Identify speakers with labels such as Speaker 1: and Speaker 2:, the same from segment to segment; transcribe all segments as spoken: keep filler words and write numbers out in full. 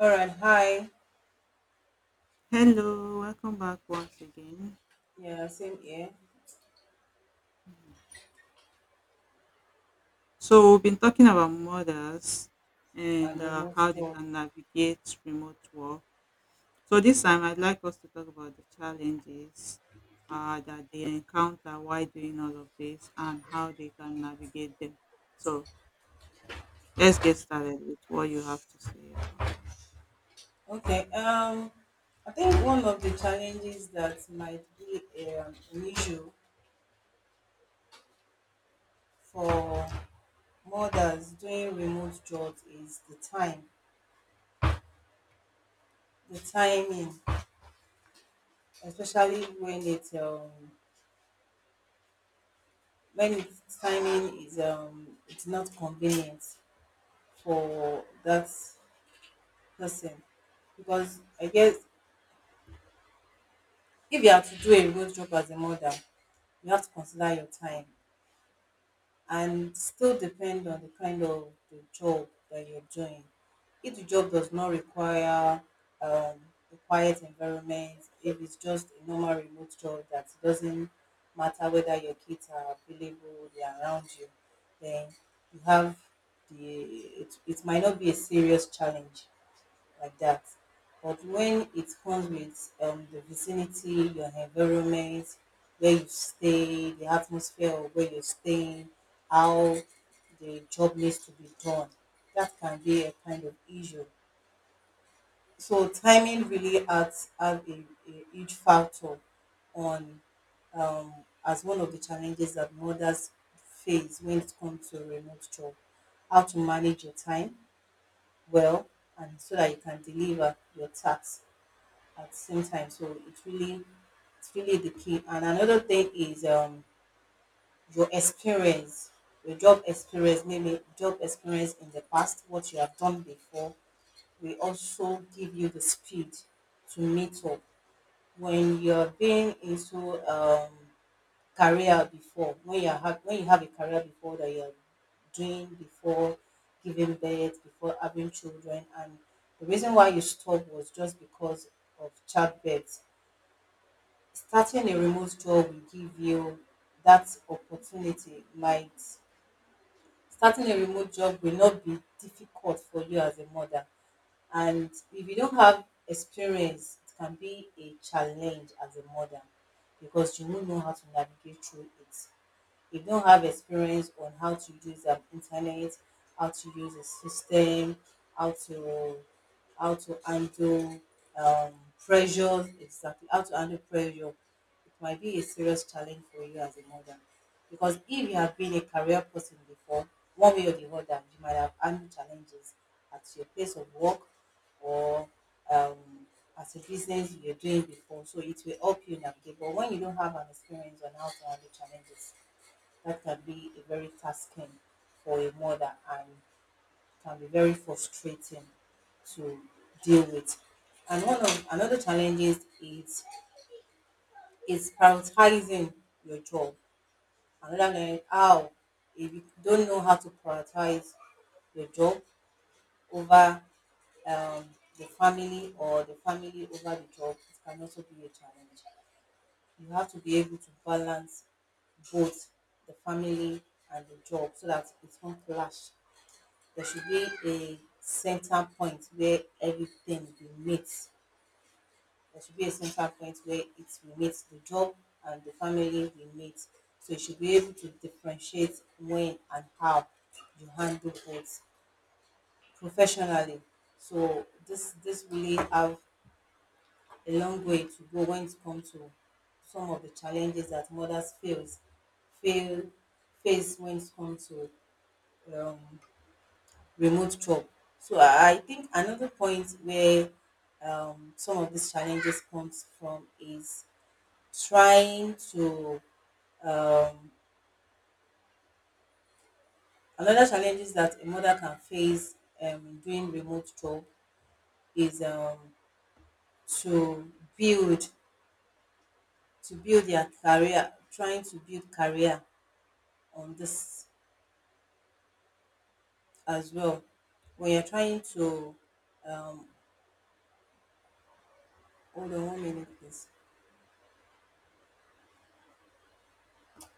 Speaker 1: All right. Hi.
Speaker 2: Hello, welcome back once again.
Speaker 1: Yeah, same here.
Speaker 2: So, we've been talking about mothers and
Speaker 1: And
Speaker 2: uh,
Speaker 1: remote
Speaker 2: how they can
Speaker 1: jobs.
Speaker 2: navigate remote work. So, this time I'd like us to talk about the challenges uh, that they encounter while doing all of this and how they can navigate them. So, let's get started with what you have to say about that.
Speaker 1: Okay. Um, I think one of the challenges that might be um, an issue for mothers doing remote jobs is the time, the timing, especially when it um, when its timing is um it's not convenient for that person, because I guess if you have to do a remote job as a mother, you have to consider your time and still depend on the kind of the job that you're doing. If the job does not require um, a quiet environment, if it's just a normal remote job that doesn't matter whether your kids are available, they are around you, then you have the it, it might not be a serious challenge like that. But when it comes with um, the vicinity, your environment, where you stay, the atmosphere of where you're staying, how the job needs to be done, that can be a kind of issue. So timing really adds, adds a, a huge factor on um, as one of the challenges that mothers face when it comes to remote job. How to manage your time well and so that you can deliver your tasks at the same time. So it's really it's really the key. And another thing is um your experience, your job experience, maybe job experience in the past, what you have done before, will also give you the speed to meet up. When you're being into um career before, when you have when you have a career before that you're doing before giving birth, before having children. And the reason why you stopped was just because of childbirth. Starting a remote job will give you that opportunity might starting a remote job will not be difficult for you as a mother, and if you don't have experience it can be a challenge as a mother, because you won't know how to navigate through it if you don't have experience on how to use the internet, how to use a system, how to how to handle um, pressure, exactly how to handle pressure. It might be a serious challenge for you as a mother. Because if you have been a career person before, one way or the other, you might have handled challenges at your place of work or um, as a business you're doing before. So it will help you navigate. But when you don't have an experience on how to handle challenges, that can be a very tasking for a mother and can be very frustrating to deal with. And one of another challenges is is prioritizing your job. Another learning how If you don't know how to prioritize your job over um, the family or the family over the job, it can also be a challenge. You have to be able to balance both the family and the job so that it won't clash. There should be a center point where everything will meet. There should be a center point where it will meet, the job and the family will meet. So you should be able to differentiate when and how you handle both professionally. So this this really have a long way to go when it comes to some of the challenges that mothers face fail face when it comes to um, remote job. So I think another point where um, some of these challenges comes from is trying to um, another challenges that a mother can face um, in doing remote job is um, to build to build their career, trying to build career on this as well. When you're trying to um, hold on one minute, please.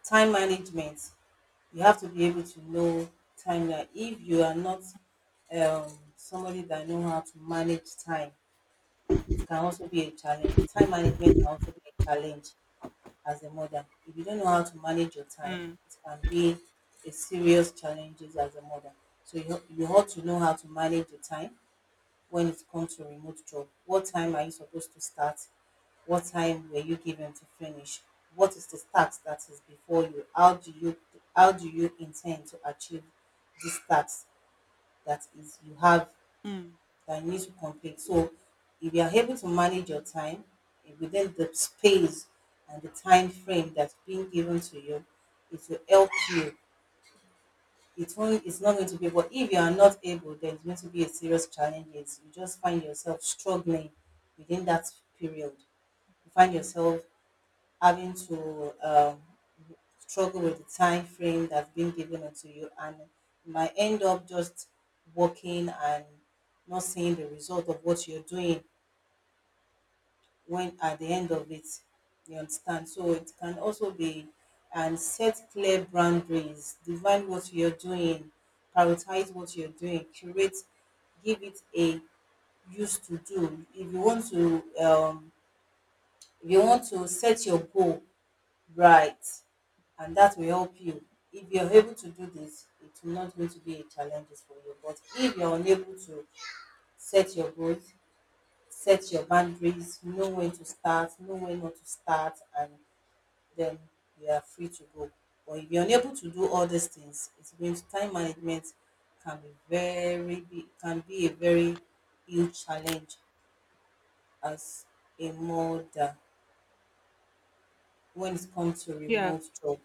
Speaker 1: Time management, you have to be able to know time, that if you are not um, somebody that know how to manage time, it can also be a challenge. Time management can also be a challenge as a mother if you don't know how to manage your time.
Speaker 2: Mm.
Speaker 1: It can be a serious challenges as a mother, so you, you ought to know how to manage your time when it comes to remote job. What time are you supposed to start? What time were you given to finish? What is the task that is before you? How do you how do you intend to achieve this task that is you have
Speaker 2: Mm.
Speaker 1: that you need to complete? So if you are able to manage your time, eh, within the space and the time frame that's being given to you, it will help you. It won't it's not going to be But if you are not able, then it's going to be a serious challenge, is you just find yourself struggling within that period. You find yourself having to um, struggle with the time frame that's been given unto you, and you might end up just working and not seeing the result of what you're doing when at the end of it, you understand. So it can also be, and set clear boundaries, define what you're doing, prioritize what you're doing, curate, give it a used to do, if you want to um, if you want to set your goal right, and that will help you. If you're able to do this, it will not going to be a challenges for you, but if you're unable to set your goals, set your boundaries, know when to start, know when not to start, and then you are free to go. But if you're unable to do all these things, it's going to time management can be very be- can be a very huge challenge as a mother when it comes to
Speaker 2: Yeah,
Speaker 1: remote job.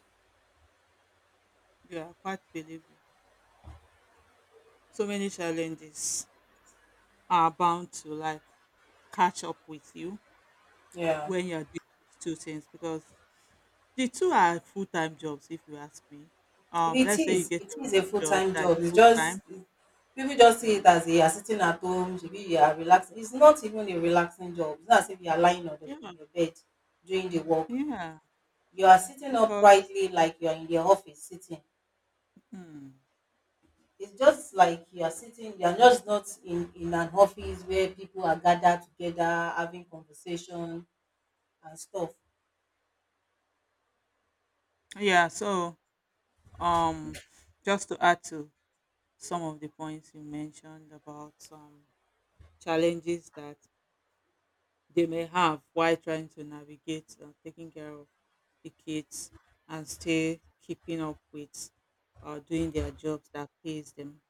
Speaker 2: yeah, quite believe you. So many challenges are bound to like catch up with you
Speaker 1: Yeah.
Speaker 2: when you're doing these two things because the two are full-time jobs if you ask me. Um
Speaker 1: It
Speaker 2: let's say you
Speaker 1: is.
Speaker 2: get
Speaker 1: It
Speaker 2: a
Speaker 1: is a
Speaker 2: remote job
Speaker 1: full-time
Speaker 2: that's
Speaker 1: job. It's just
Speaker 2: full-time.
Speaker 1: people just see it
Speaker 2: Mm.
Speaker 1: as a, you are sitting at home, shebi you are relaxing. It's not even a relaxing job. It's not as if you are lying on, the,
Speaker 2: Yeah,
Speaker 1: on your bed doing the work.
Speaker 2: yeah.
Speaker 1: You are sitting
Speaker 2: Because
Speaker 1: uprightly like you are in the office sitting.
Speaker 2: mm,
Speaker 1: It's just like you are sitting, you are just not in, in an office where people are gathered together, having conversation and stuff.
Speaker 2: yeah. So, um just to add to some of the points you mentioned about some challenges that they may have while trying to navigate uh, taking care of the kids and still keeping up with uh, doing their jobs that pays them.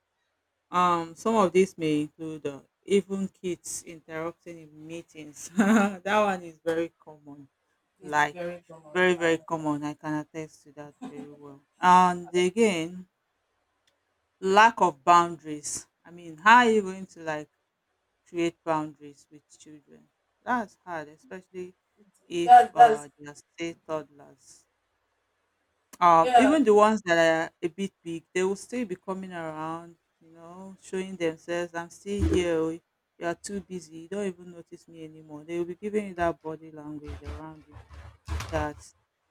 Speaker 2: Um, some of these may include uh, even kids interrupting in meetings. That one is very common,
Speaker 1: It's
Speaker 2: like
Speaker 1: very common.
Speaker 2: very very
Speaker 1: And
Speaker 2: common. I can attest to that very well. And again, lack of boundaries. I mean, how are you going to like create boundaries with children? That's hard, especially if
Speaker 1: that, that's,
Speaker 2: uh, they are still toddlers. Um,
Speaker 1: yeah,
Speaker 2: even the ones that are a bit big, they will still be coming around, you know, showing themselves, I'm still here. Oh, you are too busy. You don't even notice me anymore. They will be giving you that body language around you that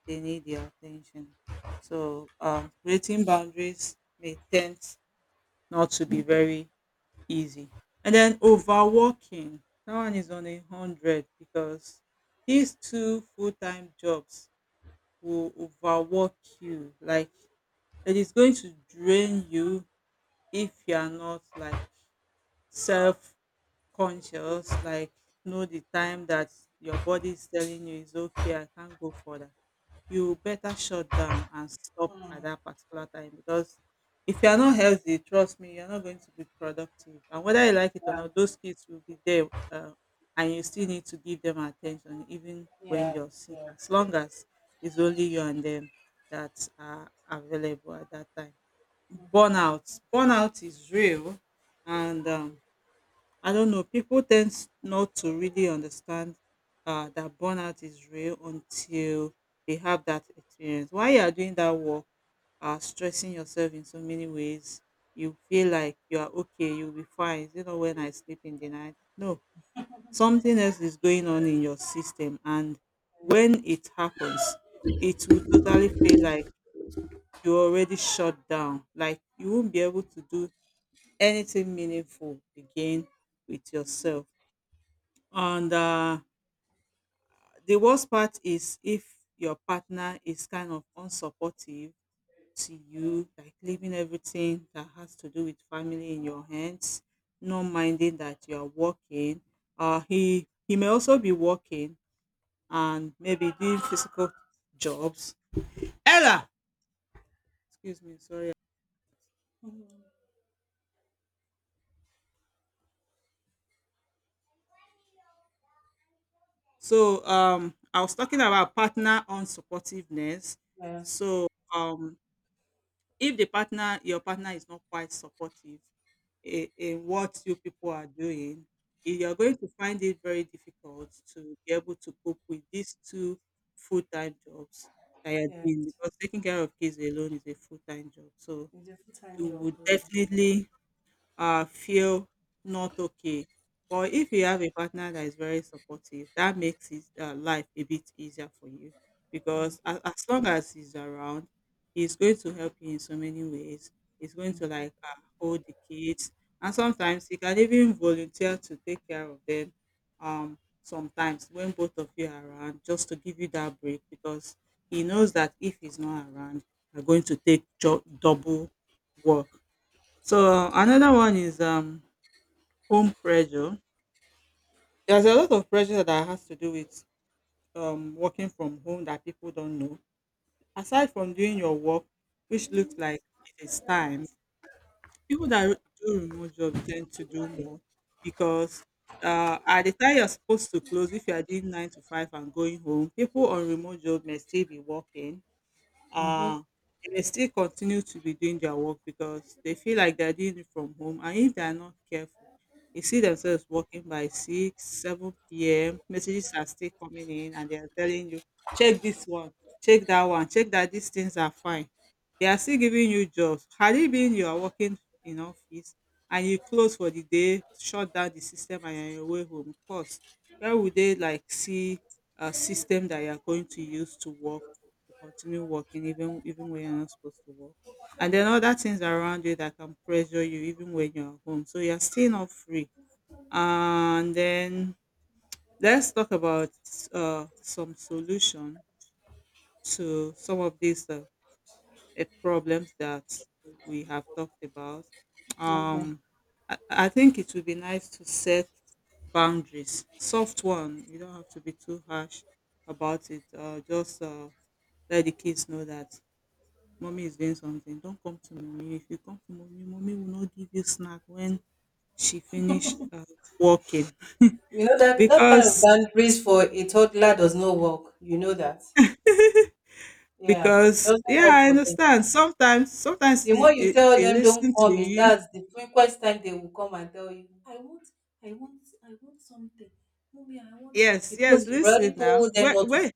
Speaker 2: they need your attention. So, uh, creating boundaries may tend not to be very easy. And then overworking. That one is on a hundred because these two full time jobs will overwork you. Like, it is going to drain you if you are not like self conscious, like know the time that your body is telling you it's okay, I can't go further. You better shut down and stop at that particular time because if you are not healthy, trust me, you're not going to be productive. And whether you like it or
Speaker 1: yeah,
Speaker 2: not, those kids will be there, uh, and you still need to give them attention even when
Speaker 1: yeah,
Speaker 2: you're sick,
Speaker 1: yeah.
Speaker 2: as long as it's only you and them that are available at that time.
Speaker 1: Hmm.
Speaker 2: Burnout burnout is real. And um, I don't know, people tend s- not to really understand uh, that burnout is real until they have that experience. While you are doing that work, uh, stressing yourself in so many ways, you feel like you are okay, you'll be fine. Is it not when I sleep in the night? No, something else is going on in your system. And when it happens, it will totally feel like you already shut down, like you won't be able to do anything meaningful again with yourself. And uh, the worst part is if your partner is kind of unsupportive to you, like leaving everything that has to do with family in your hands, not minding that you are working. Uh, he he may also be working and maybe doing physical jobs. Ella, excuse me, sorry. So, um, I was talking about partner unsupportiveness.
Speaker 1: Yeah.
Speaker 2: So, um, if the partner your partner is not quite supportive in in what you people are doing, you are going to find it very difficult to be able to cope with these two full-time jobs that you are
Speaker 1: Yeah.
Speaker 2: doing because taking care of kids alone is a full-time job. So,
Speaker 1: A full-time
Speaker 2: you
Speaker 1: job.
Speaker 2: would definitely uh, feel not okay. But if you have a partner that is very supportive, that makes his uh, life a bit easier for you because as, as long as he's around, he's going to help you in so many ways. He's going to like uh, hold the kids, and sometimes he can even volunteer to take care of them. Um, sometimes when both of you are around, just to give you that break because he knows that if he's not around, you're going to take jo- double work. So another one is um home pressure. There's a lot of pressure that has to do with um working from home that people don't know. Aside from doing your work, which looks like it is time, people that do remote jobs tend to do more because uh, at the time you're supposed to close, if you are doing nine to five and going home, people on remote job may still be working. uh, they may still continue to be doing their work because they feel like they're doing it from home. And if they are not careful, they see themselves working by six, seven p m. Messages are still coming in and they are telling you, check this one, check that one, check that these things are fine. They are still giving you jobs. Had it been you are working in office and you close for the day, shut down the system and you're on your way home, of course, where would they like see a system that you are going to use to work, to continue working even even when you're not supposed to work? And then other things around you that can pressure you even when you're home. So you're still not free. And then let's talk about uh, some solution to some of these uh, eh, problems that we have talked about.
Speaker 1: Okay.
Speaker 2: Um, I, I think it would be nice to set boundaries, soft one. You don't have to be too harsh about it. Uh, just uh, let the kids know that mommy is doing something. Don't come to mommy. If you come to mommy, mommy will not give you snack when she finished uh, working.
Speaker 1: You know that that kind of
Speaker 2: because
Speaker 1: boundaries for a toddler does not work. You know that. Yeah. It
Speaker 2: because
Speaker 1: doesn't
Speaker 2: yeah,
Speaker 1: work
Speaker 2: I
Speaker 1: for them.
Speaker 2: understand. Sometimes sometimes
Speaker 1: The
Speaker 2: they,
Speaker 1: more you
Speaker 2: they
Speaker 1: tell
Speaker 2: they
Speaker 1: them don't
Speaker 2: listen to
Speaker 1: come in,
Speaker 2: you.
Speaker 1: that's the frequent time they will come and tell you, I want, I want, I want something. Mommy, I want,
Speaker 2: Yes, yes,
Speaker 1: because you
Speaker 2: listen
Speaker 1: already
Speaker 2: now.
Speaker 1: told them
Speaker 2: Where,
Speaker 1: not to.
Speaker 2: where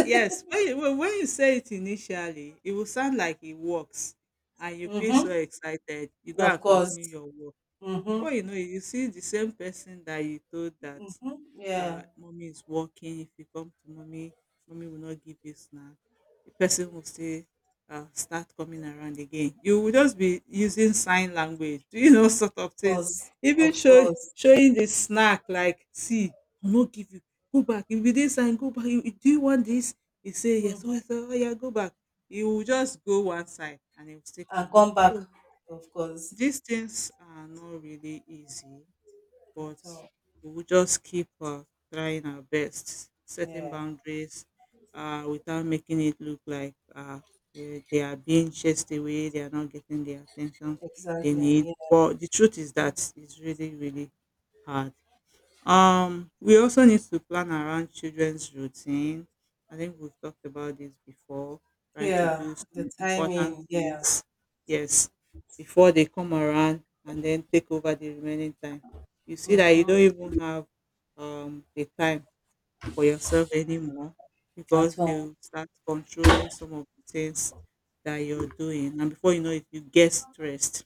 Speaker 2: Yes, when you when when you say it initially, it will sound like it works and you feel so
Speaker 1: Mm-hmm.
Speaker 2: excited. You go
Speaker 1: Of
Speaker 2: and
Speaker 1: course.
Speaker 2: continue your work.
Speaker 1: Mm-hmm.
Speaker 2: Before you know it, you see the same person that you told that
Speaker 1: Mm-hmm. Yeah.
Speaker 2: uh, mommy is working. If you come to mommy, mommy will not give you snack. The person will say, uh, start coming around again. You will just be using sign language, doing all sort
Speaker 1: Of
Speaker 2: of things.
Speaker 1: course.
Speaker 2: Even
Speaker 1: Of
Speaker 2: show,
Speaker 1: course.
Speaker 2: showing the snack, like, see, I'll not give you. Go back. If you didn't sign, go back. You, you- do you want this? He say, yes.
Speaker 1: Mm-hmm.
Speaker 2: Oh, yes. Oh, oh, yeah, go back. He will just go one side and he will still
Speaker 1: And
Speaker 2: come back.
Speaker 1: come back.
Speaker 2: So
Speaker 1: Of course.
Speaker 2: these things are not really easy, but
Speaker 1: At all.
Speaker 2: we will just keep uh, trying our best, setting
Speaker 1: Yeah.
Speaker 2: boundaries uh, without making it look like uh, eh, they are being chased away, they are not getting the attention they need.
Speaker 1: Exactly.
Speaker 2: But the truth is that it's really, really hard. Um, we also need to plan around children's routine. I think we've talked about this before, trying to
Speaker 1: Yeah,
Speaker 2: do
Speaker 1: the
Speaker 2: some important
Speaker 1: timing, yeah.
Speaker 2: things, yes, before they come around and then take over the remaining time. You see that you
Speaker 1: Mm-hmm.
Speaker 2: don't even have um, the time for yourself anymore
Speaker 1: At
Speaker 2: because they
Speaker 1: all.
Speaker 2: will start controlling some of the things that you're doing. And before you know it, you get stressed.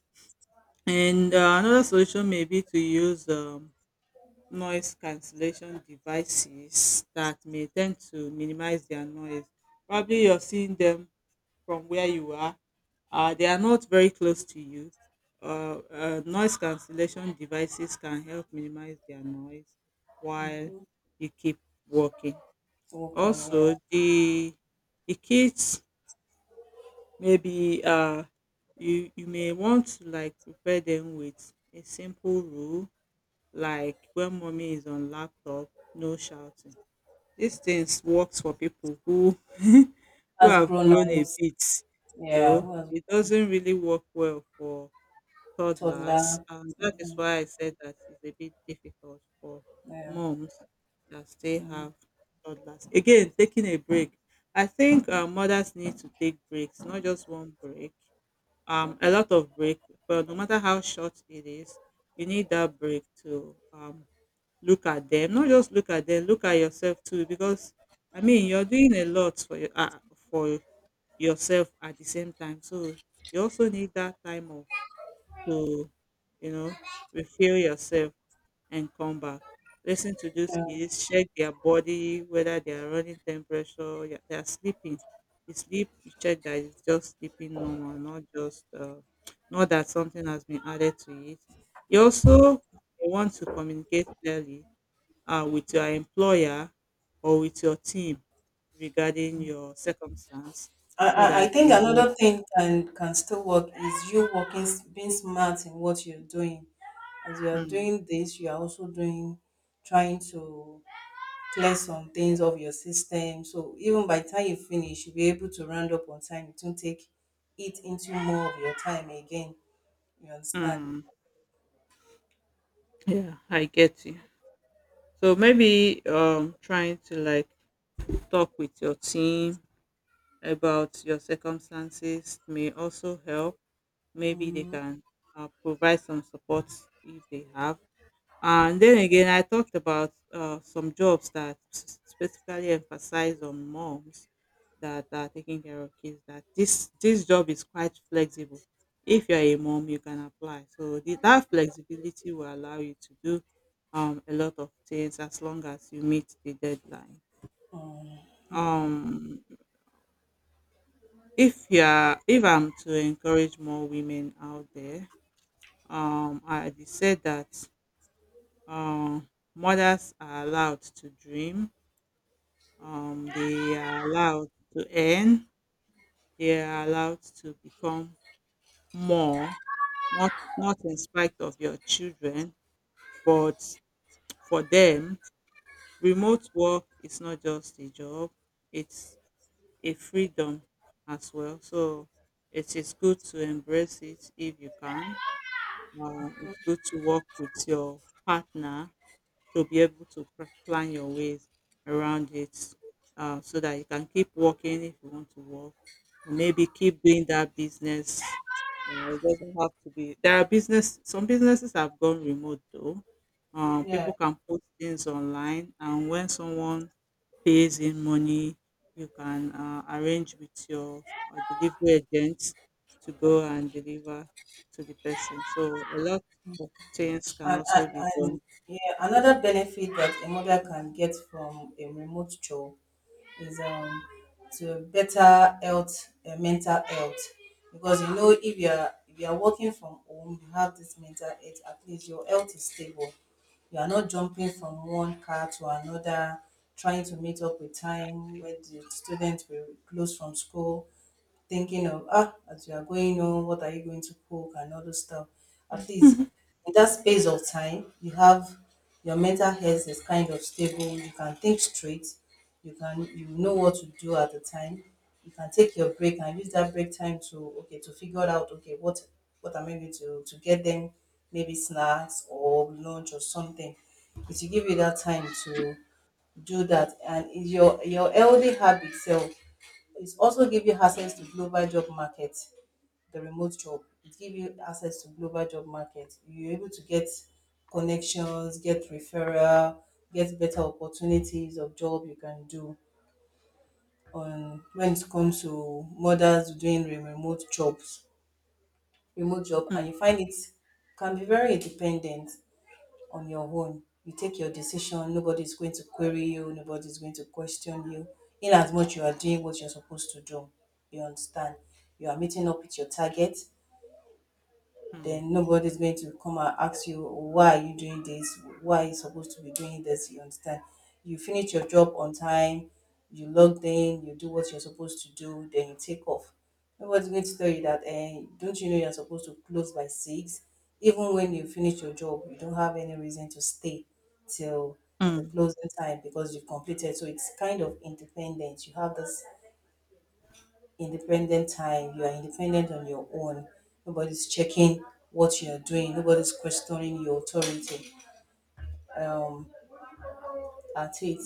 Speaker 2: And uh, another solution may be to use um, noise cancellation devices that may tend to minimize their noise. Probably you're seeing them from where you are. Uh, they are not very close to you. Uh, uh, noise cancellation devices can help minimize their noise while
Speaker 1: Mm-hmm.
Speaker 2: you keep walking.
Speaker 1: Working, yeah.
Speaker 2: Also, the the kids maybe uh, you you may want to like prepare them with a simple rule like when mommy is on laptop no shouting. These things works for people who who
Speaker 1: As
Speaker 2: have
Speaker 1: grown
Speaker 2: grown a
Speaker 1: ups,
Speaker 2: bit,
Speaker 1: yeah,
Speaker 2: though
Speaker 1: who has
Speaker 2: it doesn't really work well for toddlers,
Speaker 1: toddler.
Speaker 2: and that is
Speaker 1: Mm-hmm.
Speaker 2: why I said that it's a bit difficult for
Speaker 1: Yeah.
Speaker 2: moms that still
Speaker 1: Mm.
Speaker 2: have toddlers. Again, taking a break. I think uh, mothers need to take breaks, not just one break, um a lot of break, but no matter how short it is, you need that break to um look at them, not just look at them, look at yourself too because I mean you're doing a lot for your uh, for yourself at the same time. So you also need that time off to, you know, refill yourself and come back. Listen to these
Speaker 1: Yeah.
Speaker 2: kids, check their body, whether they are running temperature, yeah, they are sleeping. The sleep, you check that it's just sleeping normal, not just uh, not that something has been added to it. You also want to communicate clearly uh, with your employer or with your team regarding your circumstance
Speaker 1: I,
Speaker 2: so
Speaker 1: I I
Speaker 2: that
Speaker 1: think
Speaker 2: you know.
Speaker 1: another thing can can still work is you working s- being smart in what you're doing. As you are
Speaker 2: Mm.
Speaker 1: doing this, you are also doing, trying to clear some things of your system. So even by the time you finish, you'll be able to round up on time. It won't take it into more of your time again. You understand?
Speaker 2: Mm, yeah, I get you. So maybe um, trying to like talk with your team about your circumstances may also help. Maybe they
Speaker 1: Mm.
Speaker 2: can uh, provide some support if they have. And then again, I talked about uh, some jobs that s- specifically emphasize on moms that are taking care of kids, that this this job is quite flexible. If you're a mom, you can apply. So the, that flexibility will allow you to do um, a lot of things as long as you meet the deadline. Um, if you're, if I'm to encourage more women out there, um, I did said that um, mothers are allowed to dream. Um, they are allowed to earn. They are allowed to become more, not not in spite of your children, but for them, remote work is not just a job, it's a freedom as well. So it is good to embrace it if you can. Uh, it's good to work with your partner to be able to pr- plan your ways around it uh, so that you can keep working if you want to work or maybe keep doing that business. uh, it doesn't have to be, there are business, some businesses have gone remote though. um,
Speaker 1: Yeah.
Speaker 2: people can post things online, and when someone pays in money you can uh, arrange with your uh, delivery agent to go and deliver to the person. So a lot of things can
Speaker 1: And,
Speaker 2: also
Speaker 1: and,
Speaker 2: be
Speaker 1: and
Speaker 2: done.
Speaker 1: yeah, another benefit that a mother can get from a remote job is um to better health, uh, mental health, because you know if you are, if you are working from home, you have this mental health. At least your health is stable, you are not jumping from one car to another, trying to meet up with time when the students will close from school, thinking of, ah, as you are going on, what are you going to cook and all those stuff. At least in that space of time you have, your mental health is kind of stable, you can think straight, you can you know what to do at the time. You can take your break and use that break time to, okay, to figure out, okay, what what am I going to to get them, maybe snacks or lunch or something. It will give you that time to do that and your your healthy habit self. It also give you access to global job market, the remote job. It give you access to global job market. You're able to get connections, get referral, get better opportunities of job you can do on when it comes to mothers doing re- remote jobs, remote job,
Speaker 2: Mm.
Speaker 1: and you find it can be very independent on your own. You take your decision, nobody's going to query you, nobody's going to question you. In as much you are doing what you're supposed to do. You understand? You are meeting up with your target,
Speaker 2: Hmm.
Speaker 1: then nobody's going to come and ask you, why are you doing this, why are you supposed to be doing this? You understand? You finish your job on time, you log in, you do what you're supposed to do, then you take off. Nobody's going to tell you that, eh, don't you know you're supposed to close by six? Even when you finish your job, you don't have any reason to stay till the
Speaker 2: Mm.
Speaker 1: closing time because you've completed. So it's kind of independent, you have this independent time. You are independent on your own. Nobody's checking what you are doing. Nobody's questioning your authority. Um, at it.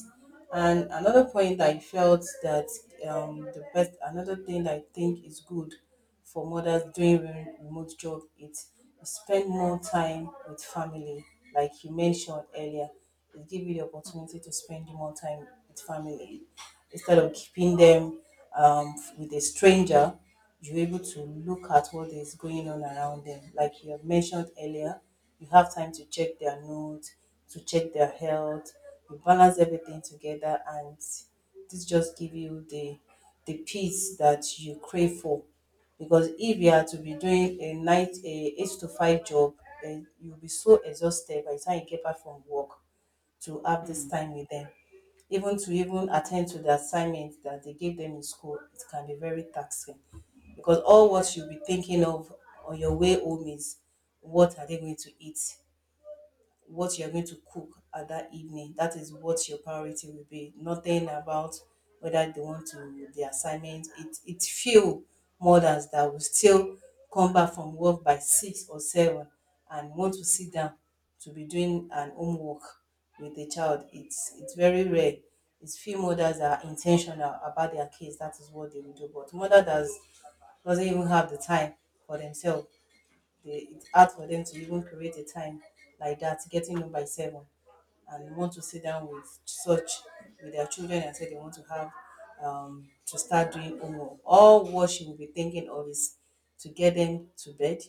Speaker 1: And another point I felt that, um, the best, another thing that I think is good for mothers doing re- remote job is spend more time with family, like you mentioned earlier. It give you the opportunity to spend more time with family instead of keeping them um, with a stranger. You're able to look at what is going on around them, like you have mentioned earlier. You have time to check their notes, to check their health, you balance everything together, and this just give you the the peace that you crave for. Because if you are to be doing a night a eight to five job, then you'll be so exhausted by the time you get back from work to have this
Speaker 2: Hmm.
Speaker 1: time with them. Even to even attend to the assignment that they gave them in school, it can be very taxing because all what you'll be thinking of on your way home is, what are they going to eat? What you're going to cook at that evening. That is what your priority will be. Nothing about whether they want to the assignment. It it's few mothers that will still come back from work by six or seven and want to sit down to be doing an homework with the child. It's it's very rare. It's few mothers that are intentional about their kids. That is what they will do. But mother does doesn't even have the time for themselves. They, it's hard for them to even create a time like that, getting up by seven, and want to sit down with such with their children and say they want to have um, to start doing homework. All what she will be thinking of is to get them to bed,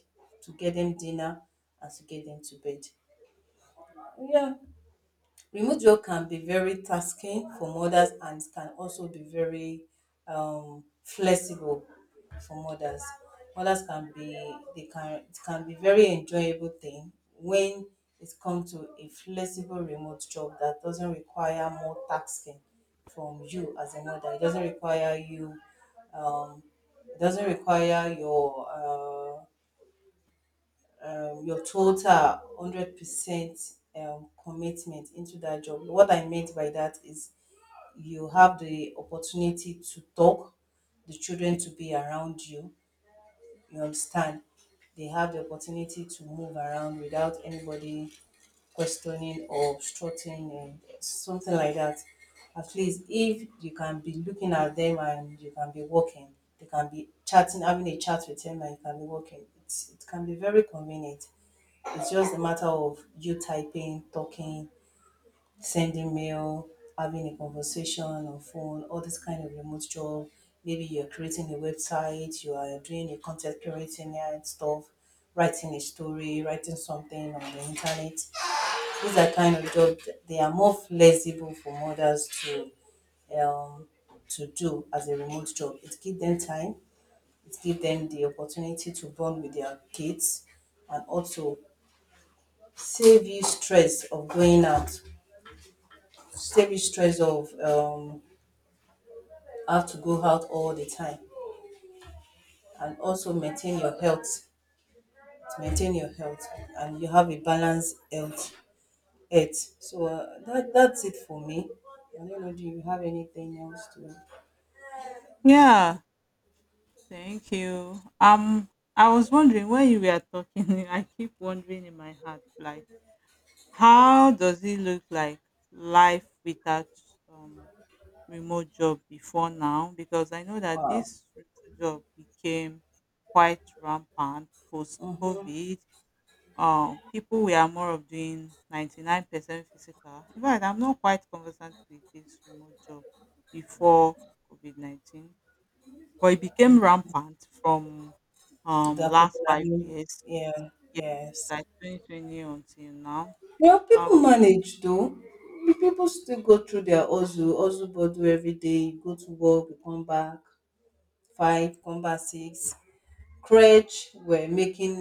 Speaker 1: to get them dinner, and to get them to bed. Yeah. Remote job can be very tasking for mothers, and it can also be very um, flexible for mothers. Mothers can be they can it can be very enjoyable thing when it comes to a flexible remote job that doesn't require more tasking from you as a mother. It doesn't require you um, it doesn't require your uh, um, your total hundred percent um, commitment into that job. What I meant by that is you have the opportunity to talk, the children to be around you. You understand? They have the opportunity to move around without anybody questioning or obstructing and something like that. At least if you can be looking at them and you can be working, they can be chatting, having a chat with them, and you can be working. It's, it can be very convenient. It's just a matter of you typing, talking, sending mail, having a conversation on phone, all this kind of remote job. Maybe you're creating a website, you are doing a content creating and stuff, writing a story, writing something on the internet. These are kind of jobs that they are more flexible for mothers to um, to do as a remote job. It gives them time, it gives them the opportunity to bond with their kids, and also save you stress of going out, save you stress of um have to go out all the time, and also maintain your health, maintain your health, and you have a balanced health. health. So uh, that that's it for me. I don't know, do you have anything else to...
Speaker 2: Yeah, thank you. Um, I was wondering when you were talking, I keep wondering in my heart, like, how does it look like life without um remote job before now? Because I know that
Speaker 1: uh
Speaker 2: this remote job became quite rampant post COVID. Um, people were more of doing ninety-nine percent physical. In fact, I'm not quite conversant with this remote job before COVID nineteen. But it became rampant from um
Speaker 1: that could
Speaker 2: last five
Speaker 1: be.
Speaker 2: years,
Speaker 1: Yeah,
Speaker 2: yes,
Speaker 1: yes.
Speaker 2: like twenty twenty until now.
Speaker 1: Well, people
Speaker 2: Um,
Speaker 1: manage though. People still go through their ozu, ozu bodu every day, go to work, come back, five, come back six. Crèche were making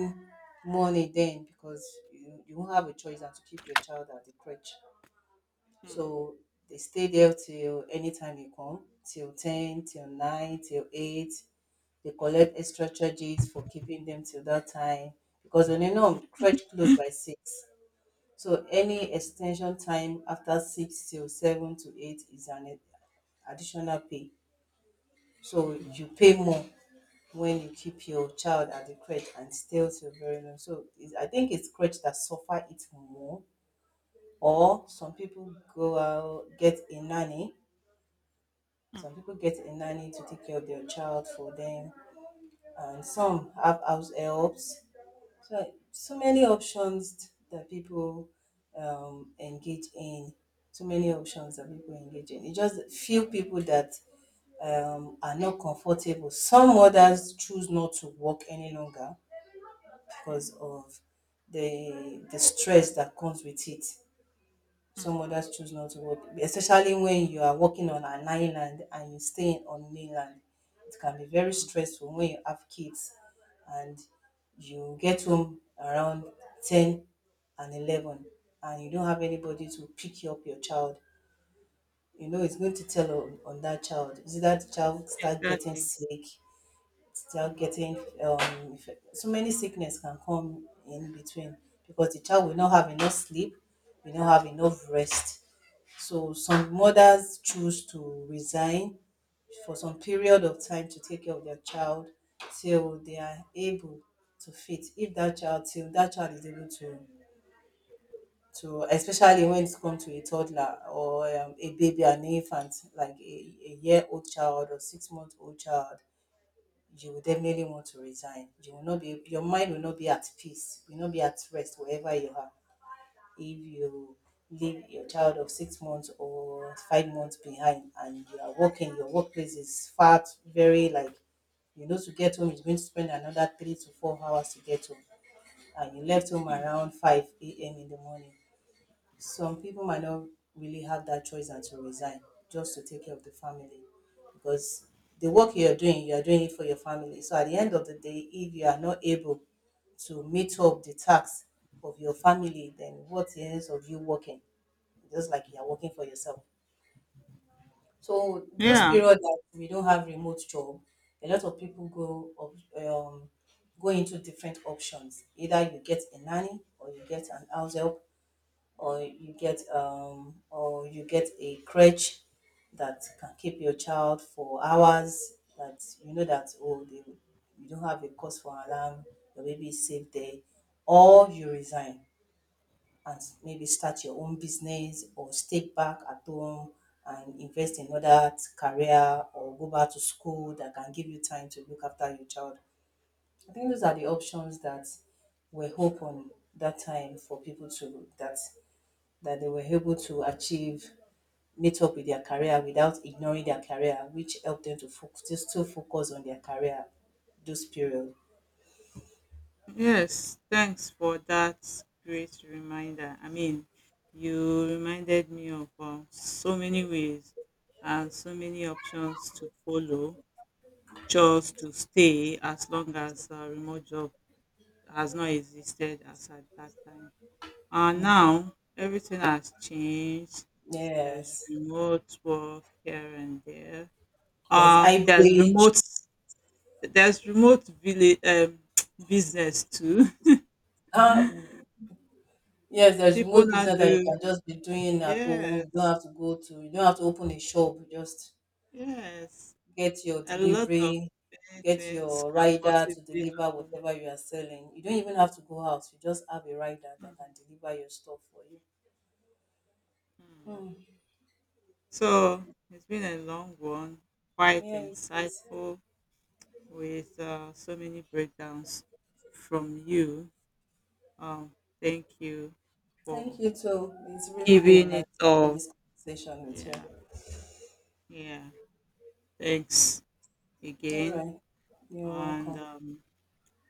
Speaker 1: money then because you, you won't have a choice than to keep your child at the crèche.
Speaker 2: hmm,
Speaker 1: So they stay there till anytime you come, till ten, till nine, till eight. They collect extra charges for keeping them till that time because when you know crèche close by six. So any
Speaker 2: hmm,
Speaker 1: extension time after six till seven to eight is an additional pay. So
Speaker 2: hmm,
Speaker 1: you pay more when you keep your child at the crate and stay till very long. So it's, I think it's crèche that suffer it more. Or some people go out get a nanny.
Speaker 2: hmm,
Speaker 1: Some people get a nanny to take care of their child for them, and some have house helps. So so many options that people um, engage in. So many options that people engage in. It's just few people that um, are not comfortable. Some others choose not to work any longer
Speaker 2: hmm,
Speaker 1: because of the the stress that comes with it.
Speaker 2: hmm,
Speaker 1: Some others choose not to work, especially when you are working on an island and you're staying on mainland. It can be very
Speaker 2: hmm,
Speaker 1: stressful when you have kids and you get home around ten and eleven, and you don't have anybody to pick you up your child. You know, it's going to tell on, on that child. Is it that the child start getting
Speaker 2: exactly.
Speaker 1: sick? Still
Speaker 2: Hmm,
Speaker 1: getting... um if- so many sickness can come in between because the child will not have enough sleep, will not have enough rest. So some mothers choose to resign for some period of time to take care of their child till they are able to fit, if that child till that child is able to to especially when it comes to a toddler or um, a baby, an infant, like a, a year old child or six month old child, you will definitely want to resign. You will not be your mind will not be at peace, will not be at rest wherever you are. If you leave your child of six months or five months behind and you are working, your workplace is far t- very like, you know to get home, you're going to spend another three to four hours to get home. And you left home
Speaker 2: hmm.
Speaker 1: around five A M in the morning. Some people might not really have that choice than to resign just to take care of the family because the work you're doing, you're doing it for your family. So at the end of the day, if you are not able to meet up the tax of your family, then what is of you working? Just like you are working for yourself. So those
Speaker 2: Yeah.
Speaker 1: period that we don't have remote job, a lot of people go up- um, go into different options. Either you get a nanny or you get an house help or you get um or you get a crutch that can keep your child for hours, that you know that, oh, they you don't have a cause for alarm, your baby is safe there. Or you resign and s- maybe start your own business or stay back at home and invest in other t- career or go back to school that can give you time to look after your child. I think those are the options that were hope on that time for people to, that that they were able to achieve, meet up with their career without ignoring their career, which helped them to focus, to still focus on their career those period.
Speaker 2: Yes. Thanks for that great reminder. I mean, you reminded me of uh, so many ways and so many options to follow just to stay, as long as uh, remote job has not existed as at that time. And now everything has changed. There's
Speaker 1: Yes,
Speaker 2: remote work here and there.
Speaker 1: there's
Speaker 2: Uh, there's
Speaker 1: hybrid.
Speaker 2: remote there's remote village um, business too.
Speaker 1: Um, yes, there's
Speaker 2: People
Speaker 1: remote
Speaker 2: now
Speaker 1: business that you
Speaker 2: do,
Speaker 1: can just be doing at home. You don't
Speaker 2: yes,
Speaker 1: have to go to. You don't have to open a shop. You just
Speaker 2: yes.
Speaker 1: get your
Speaker 2: A lot of
Speaker 1: delivery,
Speaker 2: many
Speaker 1: get
Speaker 2: things
Speaker 1: your
Speaker 2: can
Speaker 1: rider to
Speaker 2: possibly
Speaker 1: deliver
Speaker 2: happen.
Speaker 1: whatever you are selling. You don't even have to go out. You just have a rider that can deliver your stuff for you.
Speaker 2: Mhm.
Speaker 1: Mm,
Speaker 2: So it's been a long one, quite
Speaker 1: yeah, it is.
Speaker 2: insightful, with uh, so many breakdowns from you. Um, thank you
Speaker 1: Thank
Speaker 2: for
Speaker 1: you too. It's really been a
Speaker 2: giving it
Speaker 1: nice having
Speaker 2: all.
Speaker 1: this conversation with you.
Speaker 2: Yeah, yeah. Thanks
Speaker 1: All
Speaker 2: again.
Speaker 1: right. You're
Speaker 2: And
Speaker 1: welcome.
Speaker 2: um,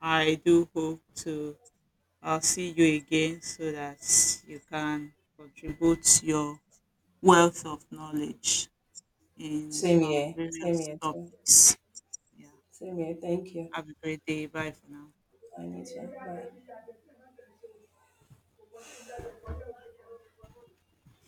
Speaker 2: I do hope to uh, see you again so that you can contribute your wealth of knowledge in
Speaker 1: Same
Speaker 2: uh,
Speaker 1: here. Same
Speaker 2: various
Speaker 1: here too.
Speaker 2: topics. Yeah.
Speaker 1: Same here. Thank you.
Speaker 2: Have a great day. Bye for now.
Speaker 1: I need you. Bye.